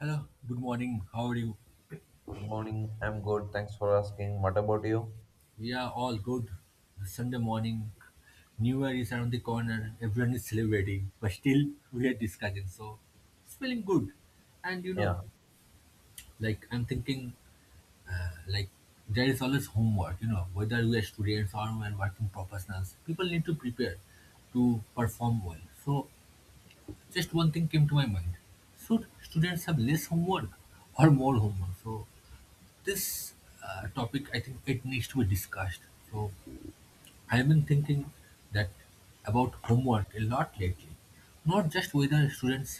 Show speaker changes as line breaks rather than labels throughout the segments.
Hello, good morning. How are you?
Good morning. I'm good. Thanks for asking. What about you?
Yeah, all good. Sunday morning, New Year is around the corner. Everyone is celebrating, but still we are discussing. So it's feeling good. And
Yeah.
like I'm thinking, like there is always homework. Whether we are students or we are working professionals, people need to prepare to perform well. So just one thing came to my mind: should students have less homework or more homework? So this, topic, I think it needs to be discussed. So I've been thinking that about homework a lot lately, not just whether students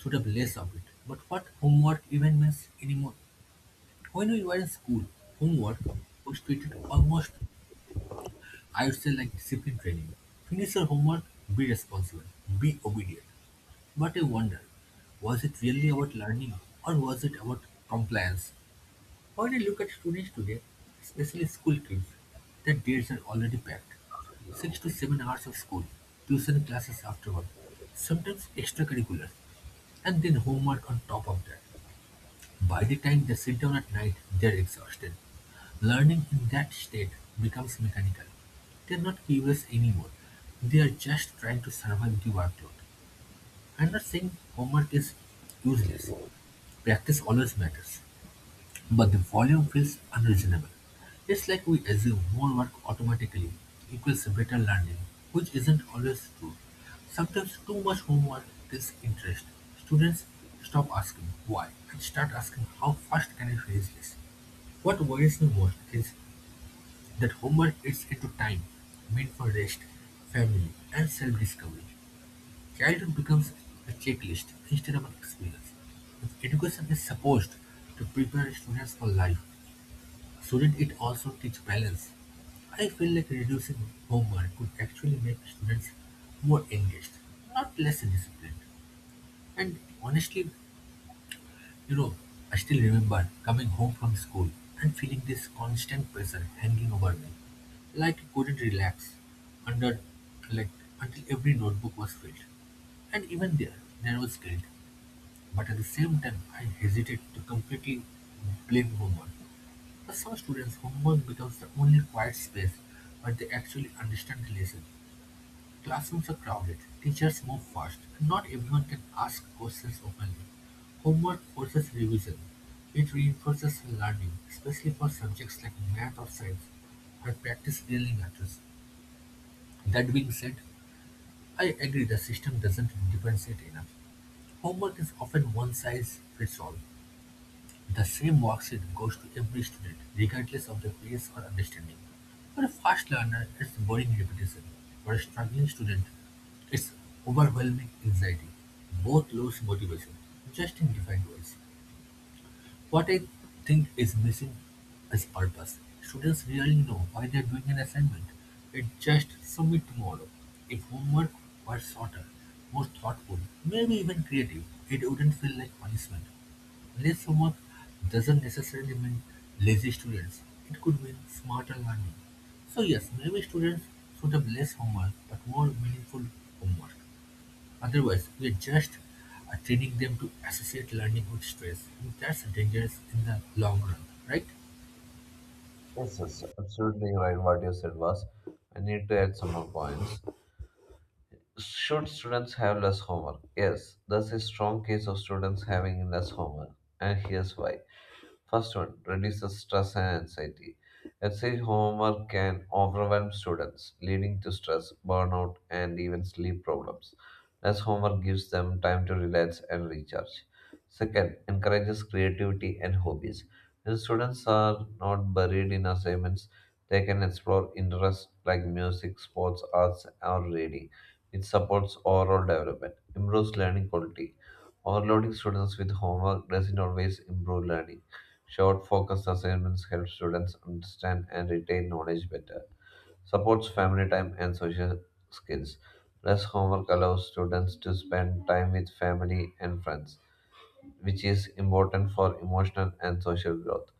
should have less of it, but what homework even means anymore. When we were in school, homework was treated almost, I would say, like discipline training. Finish your homework, be responsible, be obedient. But I wonder, was it really about learning, or was it about compliance? When I look at students today, especially school kids, their dates are already packed. 6 to 7 hours of school, tuition classes afterward, sometimes extracurriculars, and then homework on top of that. By the time they sit down at night, they're exhausted. Learning in that state becomes mechanical. They're not curious anymore. They are just trying to survive the workload. I'm not saying homework is useless. Practice always matters. But the volume feels unreasonable. It's like we assume more work automatically equals better learning, which isn't always true. Sometimes too much homework kills interest. Students stop asking why and start asking how fast can I finish this. What worries me most is that homework eats into time meant for rest, family, and self-discovery. Childhood becomes a checklist instead of an experience. If education is supposed to prepare students for life, shouldn't it also teach balance? I feel like reducing homework could actually make students more engaged, not less disciplined. And honestly, you know, I still remember coming home from school and feeling this constant pressure hanging over me, like I couldn't relax under, like until every notebook was filled. And even there, there was guilt. But at the same time, I hesitated to completely blame homework. For some students, homework becomes the only quiet space where they actually understand the lesson. Classrooms are crowded, teachers move fast, and not everyone can ask questions openly. Homework forces revision. It reinforces learning, especially for subjects like math or science, where practice really matters. That being said, I agree the system doesn't differentiate enough. Homework is often one size fits all. The same worksheet goes to every student, regardless of their pace or understanding. For a fast learner, it's boring repetition. For a struggling student, it's overwhelming anxiety. Both lose motivation, just in different ways. What I think is missing is purpose. Students really know why they are doing an assignment. It just submit tomorrow. If homework were shorter, more thoughtful, maybe even creative, it wouldn't feel like punishment. Less homework doesn't necessarily mean lazy students. It could mean smarter learning. So yes, maybe students should have less homework but more meaningful homework. Otherwise, we are just, training them to associate learning with stress, and that's dangerous in the long run, right?
Yes, yes, absolutely right. What you said was, I need to add some more points. Should students have less homework? Yes, that's a strong case of students having less homework. And here's why. First one, reduces stress and anxiety. Excessive homework can overwhelm students, leading to stress, burnout, and even sleep problems. Less homework gives them time to relax and recharge. Second, encourages creativity and hobbies. When students are not buried in assignments, they can explore interests like music, sports, arts, or reading. It supports overall development, improves learning quality. Overloading students with homework doesn't always improve learning. Short, focused assignments help students understand and retain knowledge better, supports family time and social skills. Less homework allows students to spend time with family and friends, which is important for emotional and social growth.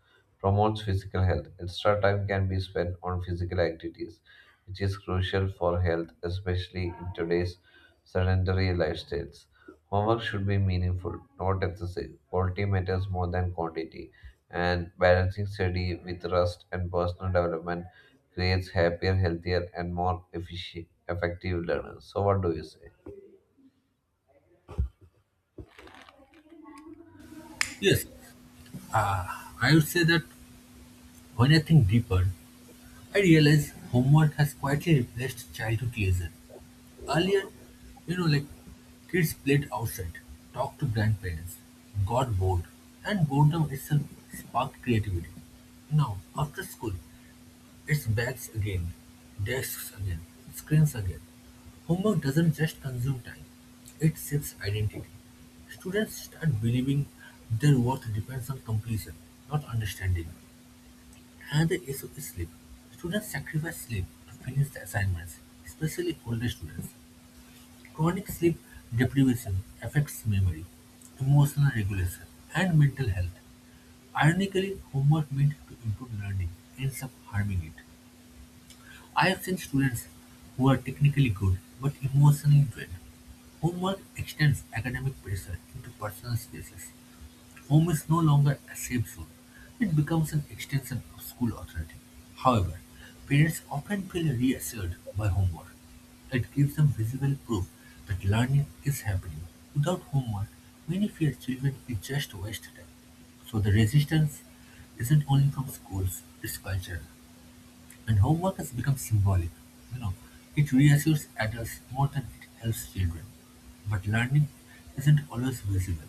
Promotes physical health. Extra time can be spent on physical activities, which is crucial for health, especially in today's sedentary lifestyles. Homework should be meaningful, not excessive. Quality matters more than quantity, and balancing study with rest and personal development creates happier, healthier, and more efficient, effective learners. So, what do you say?
Yes, I would say that when I think deeper, I realize homework has quietly replaced childhood leisure. Earlier, like kids played outside, talked to grandparents, got bored, and boredom itself sparked creativity. Now, after school, it's bags again, desks again, screens again. Homework doesn't just consume time, it shapes identity. Students start believing their worth depends on completion, not understanding. Another issue is sleep. Students sacrifice sleep to finish the assignments, especially older students. Chronic sleep deprivation affects memory, emotional regulation, and mental health. Ironically, homework meant to improve learning ends up harming it. I've seen students who are technically good but emotionally drained. Homework extends academic pressure into personal spaces. Home is no longer a safe zone. It becomes an extension of school authority. However, parents often feel reassured by homework. It gives them visible proof that learning is happening. Without homework, many fear children will just waste time. So the resistance isn't only from schools, it's cultural. And homework has become symbolic, you know, it reassures adults more than it helps children. But learning isn't always visible.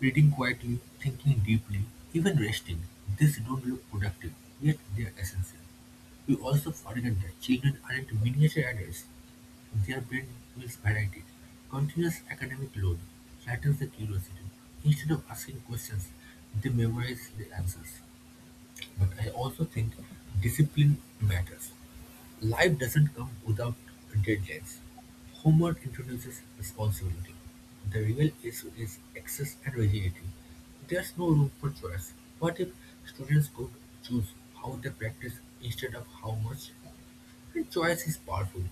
Reading quietly, thinking deeply, even resting, these don't look productive, yet they're essential. We also forget that children aren't miniature adults. Their brain builds variety. Continuous academic load flattens the curiosity. Instead of asking questions, they memorize the answers. But I also think discipline matters. Life doesn't come without deadlines. Homework introduces responsibility. The real issue is excess and rigidity. There's no room for choice. What if students could choose how they practice instead of how much? And choice is powerful.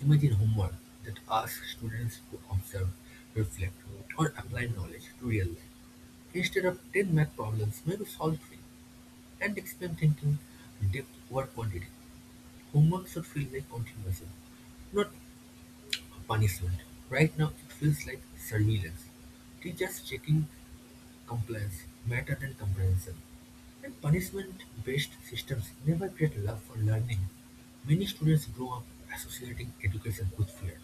Imagine homework that asks students to observe, reflect, or apply knowledge to real life. Instead of 10 math problems, maybe solve three. And explain thinking, depth over quantity. Homework should feel like continuation, not a punishment. Right now, it feels like surveillance. Teachers checking compliance matter than comprehension, and punishment-based systems never create love for learning. Many students grow up associating education with fear.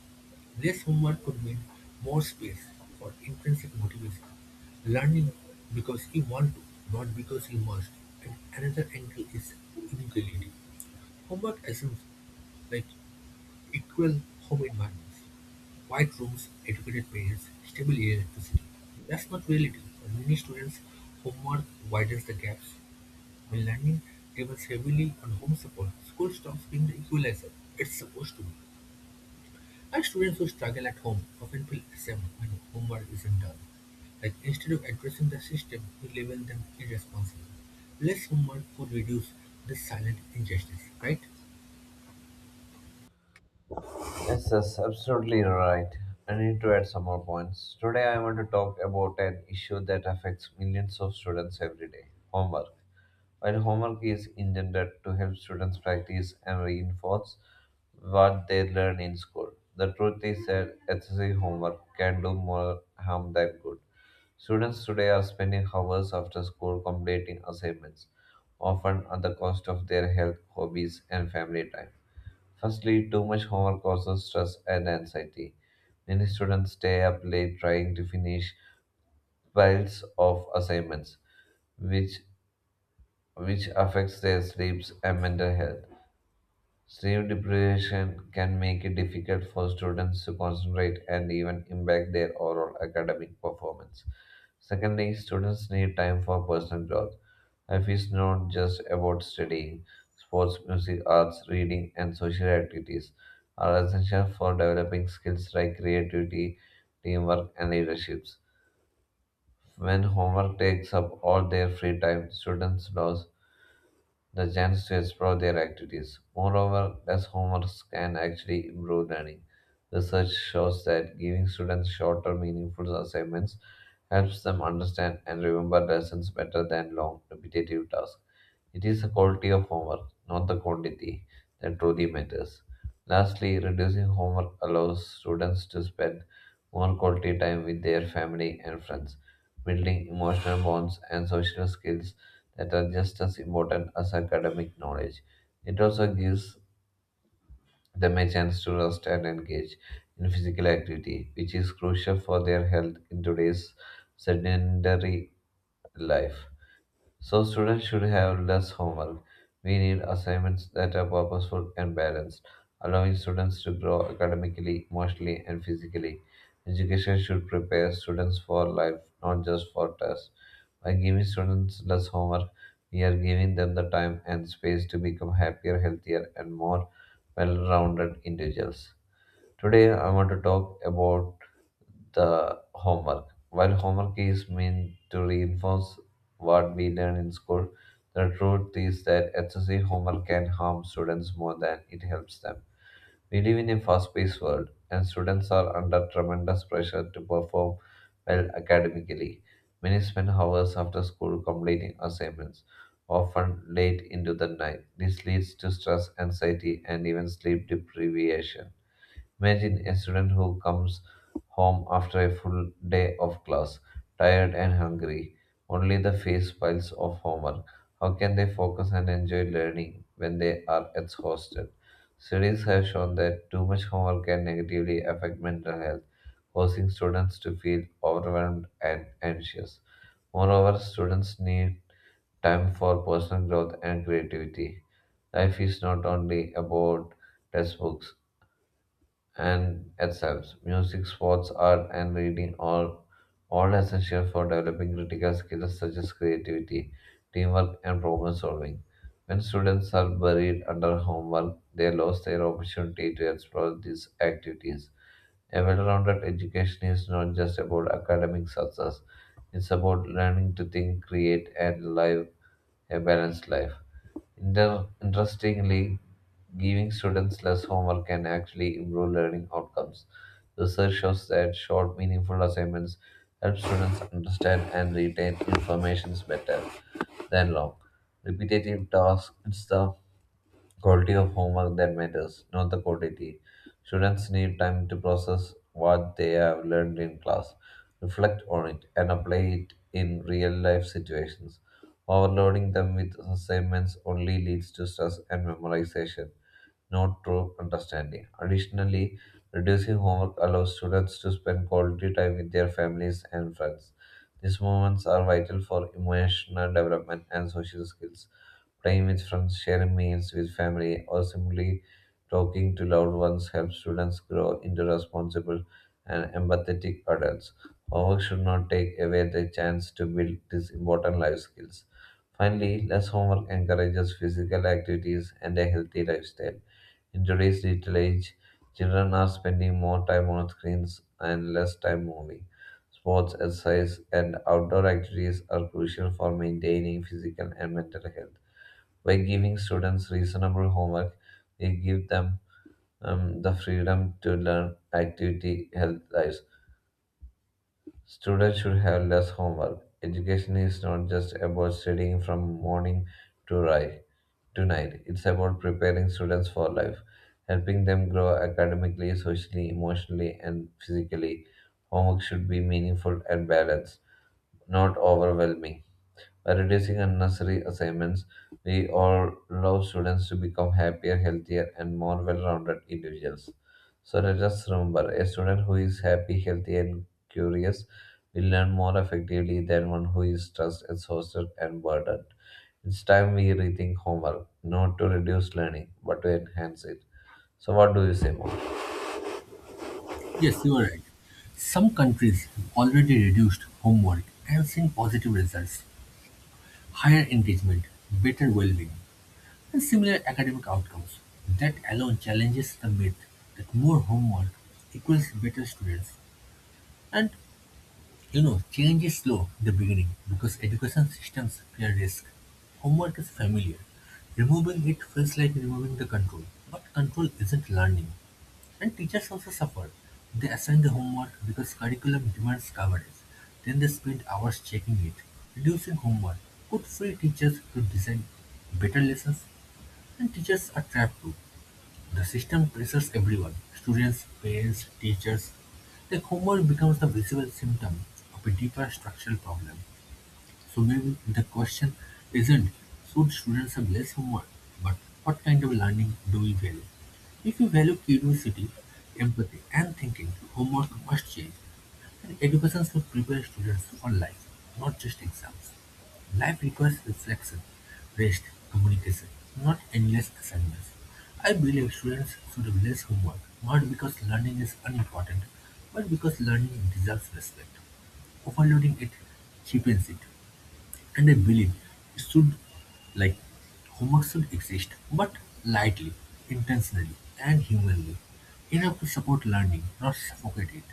Less homework could mean more space for intrinsic motivation. Learning because you want to, not because you must. And another angle is inequality. Homework assumes, like equal home environments. White rooms, educated parents, stable electricity. That's not reality. For many students' homework widens the gaps. When learning depends heavily on home support, school stops being the equalizer it's supposed to be. And students who struggle at home often feel ashamed when homework isn't done. Like, instead of addressing the system, we label them irresponsible. Less homework could reduce this silent injustice, right?
Yes, that's absolutely right. I need to add some more points. Today, I want to talk about an issue that affects millions of students every day homework. While homework is intended to help students practice and reinforce what they learn in school, the truth is that excessive homework can do more harm than good. Students today are spending hours after school completing assignments, often at the cost of their health, hobbies, and family time. Firstly, too much homework causes stress and anxiety. Many students stay up late trying to finish piles of assignments, which which affects their sleeps and mental health. Sleep deprivation can make it difficult for students to concentrate and even impact their overall academic performance. Secondly, students need time for personal growth. Life is not just about studying. Sports, music, arts, reading, and social activities are essential for developing skills like creativity, teamwork, and leadership. When homework takes up all their free time, students lose the chance to explore their activities. Moreover, less homework can actually improve learning. Research shows that giving students shorter, meaningful assignments helps them understand and remember lessons better than long, repetitive tasks. It is the quality of homework, not the quantity, that truly matters. Lastly, reducing homework allows students to spend more quality time with their family and friends, building emotional bonds and social skills that are just as important as academic knowledge. It also gives them a chance to rest and engage in physical activity, which is crucial for their health in today's sedentary life. So students should have less homework. We need assignments that are purposeful and balanced, allowing students to grow academically, emotionally, and physically. Education should prepare students for life, not just for tests. By giving students less homework, we are giving them the time and space to become happier, healthier, and more well rounded individuals. Today I want to talk about the homework. While homework is meant to reinforce what we learn in school, the truth is that excessive homework can harm students more than it helps them. We live in a fast-paced world, and students are under tremendous pressure to perform well academically. Many spend hours after school completing assignments, often late into the night. This leads to stress, anxiety, and even sleep deprivation. Imagine a student who comes home after a full day of class, tired and hungry, only the face piles of homework. How can they focus and enjoy learning when they are exhausted? Studies have shown that too much homework can negatively affect mental health, causing students to feel overwhelmed and anxious. Moreover, students need time for personal growth and creativity. Life is not only about textbooks and itself. Music, sports, art, and reading are all essential for developing critical skills such as creativity, teamwork, and problem solving. When students are buried under homework, they lose their opportunity to explore these activities. A well rounded education is not just about academic success, it's about learning to think, create, and live a balanced life. Interestingly, giving students less homework can actually improve learning outcomes. Research shows that short, meaningful assignments help students understand and retain information better than long, repetitive tasks and stuff. Quality of homework that matters, not the quantity. Students need time to process what they have learned in class, reflect on it, and apply it in real life situations. Overloading them with assignments only leads to stress and memorization, not true understanding. Additionally, reducing homework allows students to spend quality time with their families and friends. These moments are vital for emotional development and social skills. Playing with friends, sharing meals with family, or simply talking to loved ones helps students grow into responsible and empathetic adults. Homework should not take away the chance to build these important life skills. Finally, less homework encourages physical activities and a healthy lifestyle. In today's digital age, children are spending more time on screens and less time moving. Sports, exercise, and outdoor activities are crucial for maintaining physical and mental health. By giving students reasonable homework, we give them the freedom to learn activity health lives. Students should have less homework. Education is not just about studying from morning to right to night. It's about preparing students for life, helping them grow academically, socially, emotionally, and physically. Homework should be meaningful and balanced, not overwhelming. By reducing unnecessary assignments, we all allow students to become happier, healthier, and more well rounded individuals. So let us remember a student who is happy, healthy, and curious will learn more effectively than one who is stressed, exhausted, and burdened. It's time we rethink homework, not to reduce learning, but to enhance it. So, what do you say more?
Yes, you are right. Some countries have already reduced homework and seen positive results. Higher engagement, better well-being, and similar academic outcomes. That alone challenges the myth that more homework equals better students. And change is slow in the beginning because education systems fear risk. Homework is familiar. Removing it feels like removing the control, but control isn't learning. And teachers also suffer. They assign the homework because curriculum demands coverage. Then they spend hours checking it. Reducing homework could free teachers to design better lessons. And teachers are trapped too. The system pressures everyone students, parents, teachers. The homework becomes the visible symptom of a deeper structural problem. So maybe the question isn't should students have less homework, but what kind of learning do we value? If you value curiosity, empathy, and thinking, homework must change, and education should prepare students for life, not just exams. Life requires reflection, rest, communication, not endless assignments. I believe students should have less homework, not because learning is unimportant, but because learning deserves respect. Overloading it cheapens it. And I believe it should, like homework should exist, but lightly, intentionally, and humanly, enough to support learning, not suffocate it.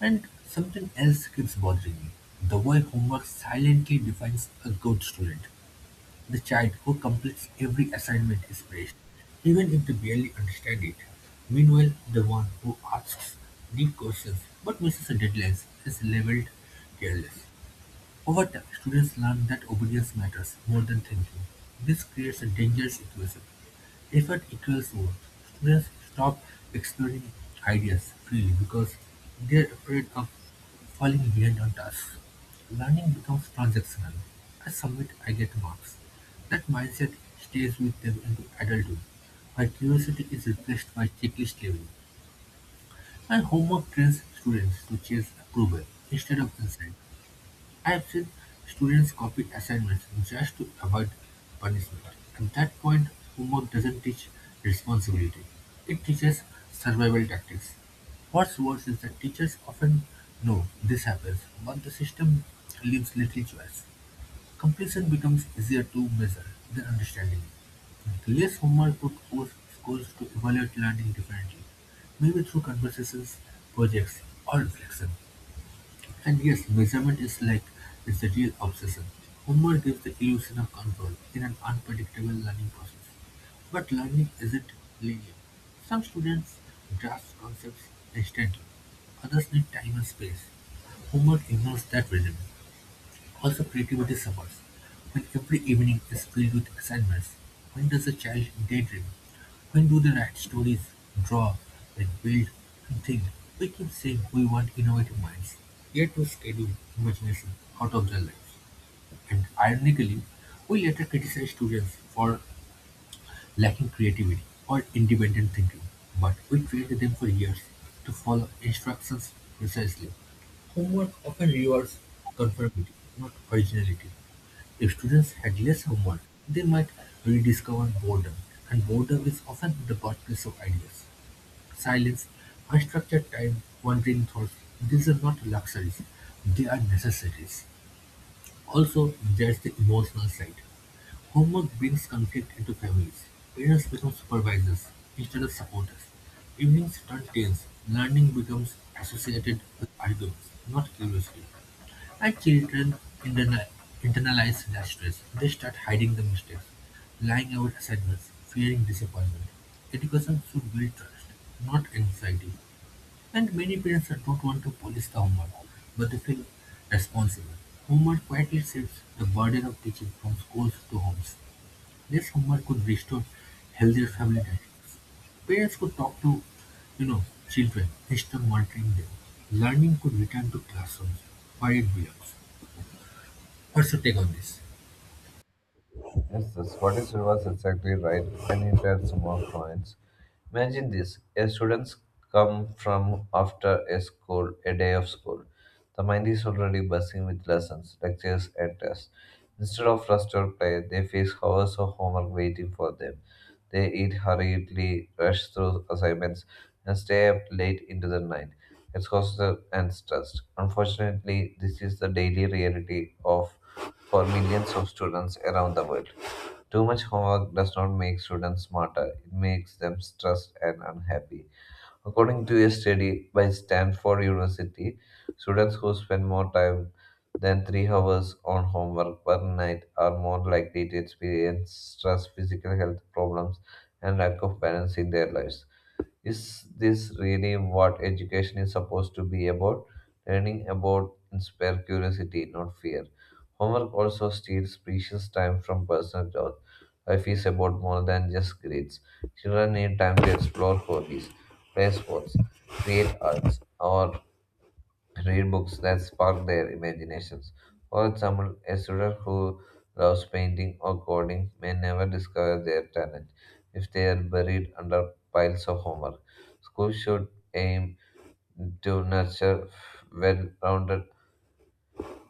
And something else keeps bothering me. The way homework silently defines a good student. The child who completes every assignment is praised, even if they barely understand it. Meanwhile, the one who asks deep questions but misses the deadlines is labeled careless. Over time, students learn that obedience matters more than thinking. This creates a dangerous equation. Effort equals worth. Students stop exploring ideas freely because they are afraid of falling behind on tasks. Learning becomes transactional. I submit, I get marks. That mindset stays with them into adulthood, where curiosity is replaced by checklist level, and homework trains students to chase approval instead of insight. I have seen students copy assignments just to avoid punishment. At that point, homework doesn't teach responsibility. It teaches survival tactics. What's worse is that teachers often know this happens, but the system leaves little choice. Completion becomes easier to measure than understanding. Less homework would force schools to evaluate learning differently, maybe through conversations, projects, or reflection. And yes, measurement is it's a real obsession. Homework gives the illusion of control in an unpredictable learning process. But learning isn't linear. Some students grasp concepts instantly, others need time and space. Homework ignores that rhythm. Also creativity suffers. When every evening is filled with assignments, when does a child daydream? When do they write stories, draw, then build and think? We keep saying we want innovative minds, yet we schedule imagination out of their lives. And ironically, we later criticize students for lacking creativity or independent thinking, but we trained them for years to follow instructions precisely. Homework often rewards conformity, not originality. If students had less homework, they might rediscover boredom, and boredom is often the birthplace of ideas. Silence, unstructured time, wandering thoughts, these are not luxuries, they are necessities. Also, there's the emotional side. Homework brings conflict into families. Parents become supervisors instead of supporters. Evenings turn tense. Learning becomes associated with arguments, not curiosity. And children interna- internalize that stress. They start hiding the mistakes, lying about assignments, fearing disappointment. Education should build trust, not anxiety. And many parents don't want to police the homework, but they feel responsible. Homework quietly shifts the burden of teaching from schools to homes. Less homework could restore healthier family dynamics. Parents could talk to, you know, children instead of monitoring them. Learning could return to classrooms where it belongs. What's your take on this?
Yes, the What is was exactly right, and it add some more points. Imagine this a student's come from after a school, a day of school. The mind is already buzzing with lessons, lectures, and tests. Instead of rest or play, they face hours of homework waiting for them. They eat hurriedly, rush through assignments, and stay up late into the night, exhausted and stressed. Unfortunately, this is the daily reality of for millions of students around the world. Too much homework does not make students smarter, it makes them stressed and unhappy. According to a study by Stanford University, students who spend more time than 3 hours on homework per night are more likely to experience stress, physical health problems, and lack of balance in their lives. Is this really what education is supposed to be about? Learning about inspire curiosity, not fear. Homework also steals precious time from personal growth. Life is about more than just grades. Children need time to explore hobbies, play sports, create arts, or read books that spark their imaginations. For example, a student who loves painting or coding may never discover their talent if they are buried under piles of homework. Schools should aim to nurture well rounded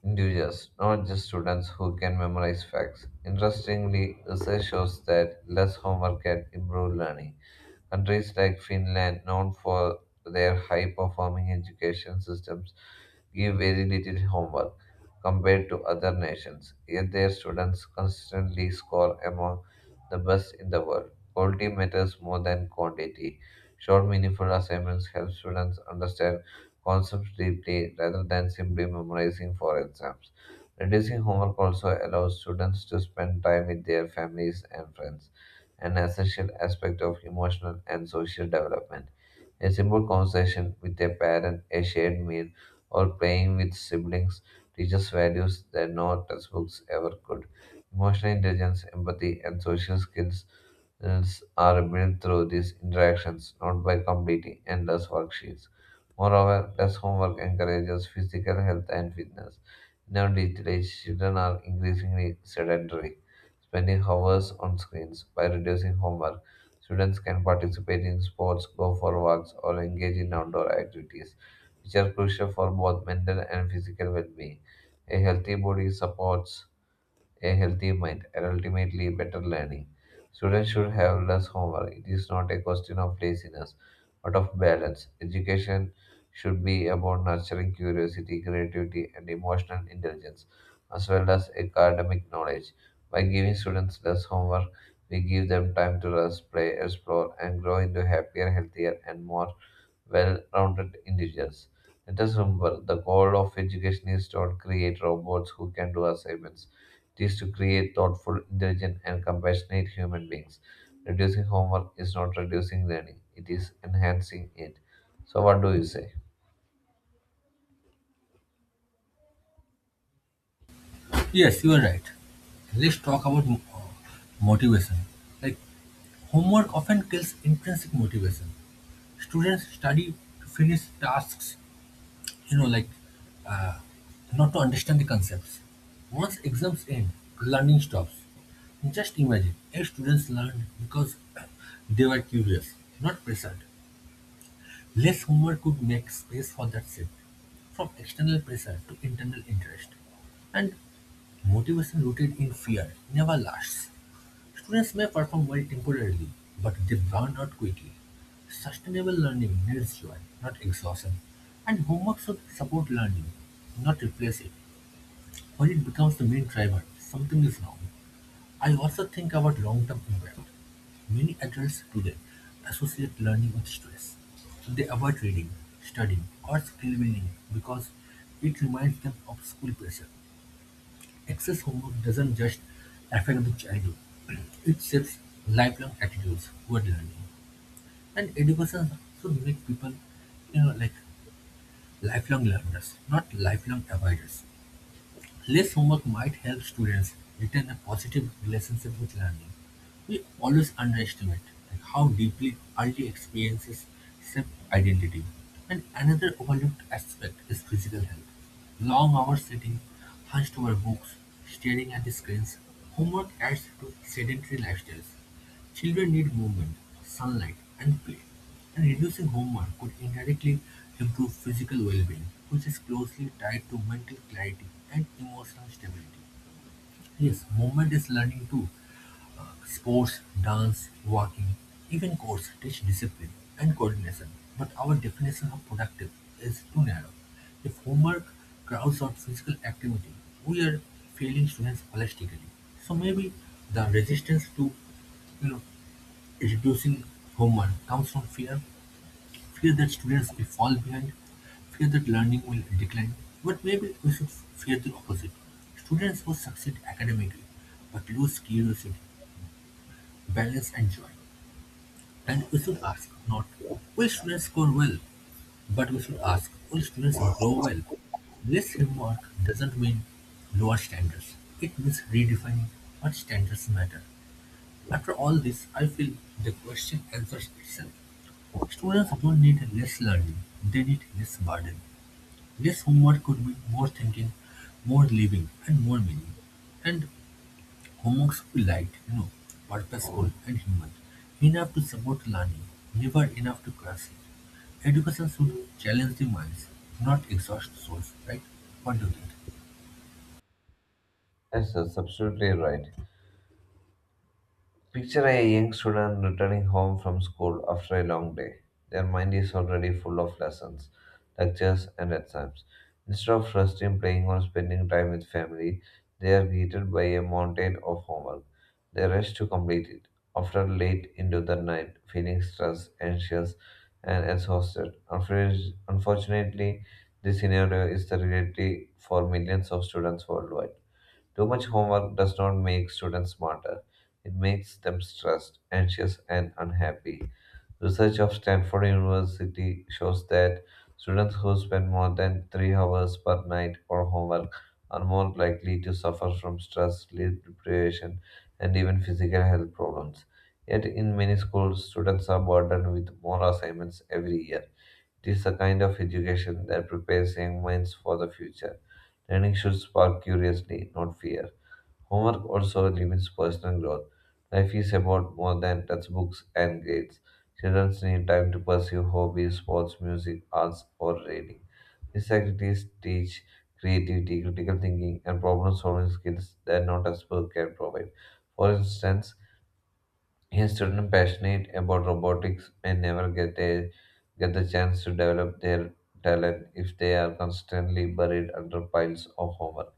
individuals, not just students who can memorize facts. Interestingly, research shows that less homework can improve learning. Countries like Finland, known for their high performing education systems, give very little homework compared to other nations, yet their students consistently score among the best in the world. Quality matters more than quantity. Short, meaningful assignments help students understand concepts deeply rather than simply memorizing for exams. Reducing homework also allows students to spend time with their families and friends, an essential aspect of emotional and social development. A simple conversation with a parent, a shared meal, or playing with siblings teaches values that no textbooks ever could. Emotional intelligence, empathy, and social skills skills are built through these interactions, not by completing endless worksheets. Moreover, less homework encourages physical health and fitness. In our digital age, children are increasingly sedentary, spending hours on screens. By reducing homework, students can participate in sports, go for walks, or engage in outdoor activities, which are crucial for both mental and physical well being. A healthy body supports a healthy mind, and ultimately better learning. Students should have less homework. It is not a question of laziness, but of balance. Education should be about nurturing curiosity, creativity, and emotional intelligence, as well as academic knowledge. By giving students less homework, we give them time to rest, play, explore, and grow into happier, healthier, and more well rounded individuals. Let us remember the goal of education is to not create robots who can do assignments it is to create thoughtful, intelligent, and compassionate human beings. Reducing homework is not reducing learning, it is enhancing it. So, what do you say?
Yes, you are right. Let's talk about motivation. Like homework often kills intrinsic motivation. Students study to finish tasks, you know, like uh, not to understand the concepts. Once exams end, learning stops. Just imagine if students learned because they were curious, not pressured. Less homework could make space for that shift from external pressure to internal interest. And motivation rooted in fear never lasts. Students may perform well temporarily, but they burn out quickly. Sustainable learning needs joy, not exhaustion, and homework should support learning, not replace it. When it becomes the main driver, something is wrong. I also think about long-term impact. Many adults today associate learning with stress. They avoid reading, studying, or skill building because it reminds them of school pressure. Excess homework doesn't just affect the childhood, it shapes lifelong attitudes toward learning. And education should make people, like lifelong learners, not lifelong avoiders. Less homework might help students retain a positive relationship with learning. We always underestimate, how deeply early experiences shape identity. And another overlooked aspect is physical health. Long hours sitting, hunched over books, staring at the screens, homework adds to sedentary lifestyles. Children need movement, sunlight, and play. And reducing homework could indirectly improve physical well-being, which is closely tied to mental clarity and emotional stability. Yes, movement is learning too. Sports, dance, walking, even course teach discipline and coordination. But our definition of productive is too narrow. If homework crowds out physical activity, we are failing students holistically. So maybe the resistance to, you know reducing homework comes from fear. Fear that students will fall behind, fear that learning will decline. But maybe we should fear the opposite. Students who succeed academically but lose curiosity, balance, and joy. And we should ask not, will students score well? But we should ask, will students grow well? This homework doesn't mean lower standards. It means redefining what standards matter. After all this, I feel the question answers itself. Students don't need less learning, they need less burden. This homework could be more thinking, more living, and more meaning. And homeworks should be light, purposeful and human. Enough to support learning, never enough to crush it. Education should challenge the minds, not exhaust souls, right? What do you think?
Yes, that's absolutely right. Picture a young student returning home from school after a long day. Their mind is already full of lessons, lectures, and exams. Instead of resting, playing, or spending time with family, they are greeted by a mountain of homework. They rush to complete it, often late into the night, feeling stressed, anxious, and exhausted. Unfortunately, this scenario is the reality for millions of students worldwide. Too much homework does not make students smarter. It makes them stressed, anxious, and unhappy. Research of Stanford University shows that students who spend more than 3 hours per night on homework are more likely to suffer from stress, sleep deprivation, and even physical health problems. Yet, in many schools, students are burdened with more assignments every year. It is a kind of education that prepares young minds for the future. Learning should spark curiosity, not fear. Homework also limits personal growth. Life is about more than textbooks and grades. Children need time to pursue hobbies, sports, music, arts, or reading. These activities teach creativity, critical thinking, and problem solving skills that no textbook can provide. For instance, hence, children passionate about robotics may never get the chance to develop their talent if they are constantly buried under piles of homework.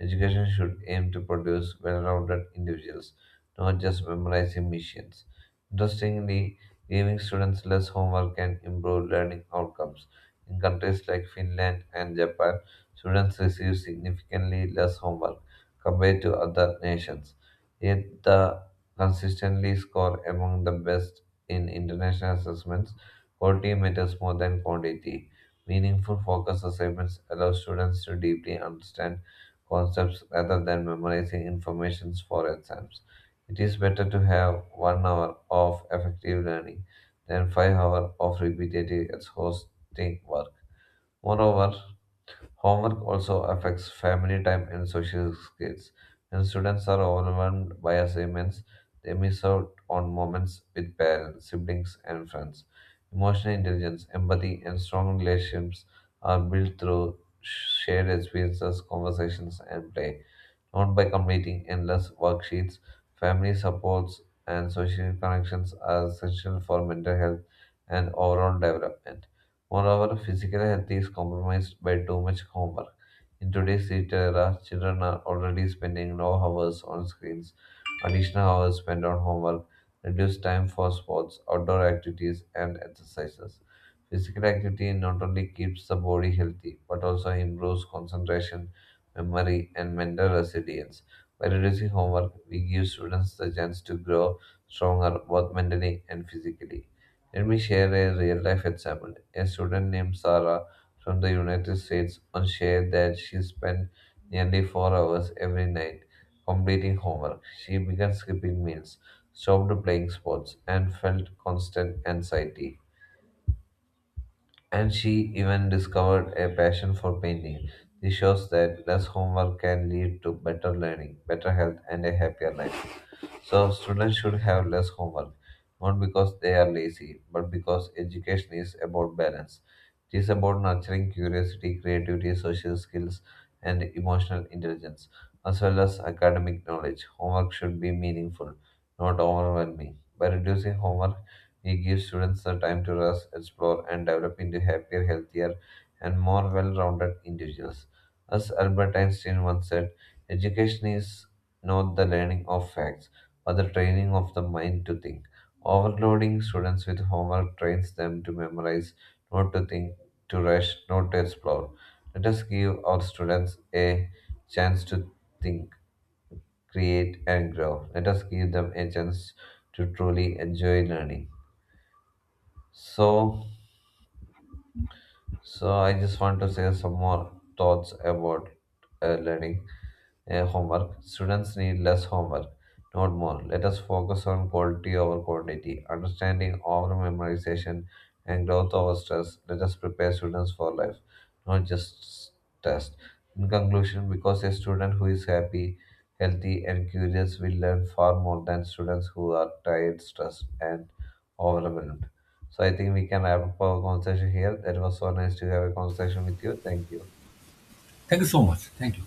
Education should aim to produce well-rounded individuals, not just memorizing missions. Interestingly, giving students less homework can improve learning outcomes. In countries like Finland and Japan, students receive significantly less homework compared to other nations. Yet the consistently score among the best in international assessments, quality matters more than quantity. Meaningful focus assignments allow students to deeply understand concepts rather than memorizing information for exams. It is better to have one hour of effective learning than 5 hours of repetitive exhausting work. Moreover, homework also affects family time and social skills. When students are overwhelmed by assignments, they miss out on moments with parents, siblings, and friends. Emotional intelligence, empathy, and strong relationships are built through shared experiences, conversations, and play, not by completing endless worksheets. Family supports and social connections are essential for mental health and overall development. Moreover, physical health is compromised by too much homework. In today's digital era, children are already spending low hours on screens, additional hours spent on homework, reduced time for sports, outdoor activities, and exercises. Physical activity not only keeps the body healthy but also improves concentration, memory, and mental resilience. By reducing homework, we give students the chance to grow stronger both mentally and physically. Let me share a real life example. A student named Sarah from the United States once shared that she spent nearly 4 hours every night completing homework. She began skipping meals, stopped playing sports, and felt constant anxiety. And she even discovered a passion for painting. This shows that less homework can lead to better learning, better health, and a happier life. So students should have less homework, not because they are lazy, but because education is about balance. It is about nurturing curiosity, creativity, social skills, and emotional intelligence, as well as academic knowledge. Homework should be meaningful, not overwhelming. By reducing homework, we give students the time to rest, explore, and develop into happier, healthier, and more well-rounded individuals. As Albert Einstein once said, education is not the learning of facts or the training of the mind to think. Overloading students with homework trains them to memorize, not to think, to rush, not to explore. Let us give our students a chance to think, create, and grow. Let us give them a chance to truly enjoy learning. So, so I just want to say some more thoughts about learning. Homework. Students need less homework, not more. Let us focus on quality over quantity, understanding over memorization, and growth over stress. Let us prepare students for life, not just tests. In conclusion, because a student who is happy, healthy, and curious will learn far more than students who are tired, stressed, and overwhelmed. So I think we can wrap up our conversation here. That was so nice to have a conversation with you. Thank you.
Thank you so much. Thank you.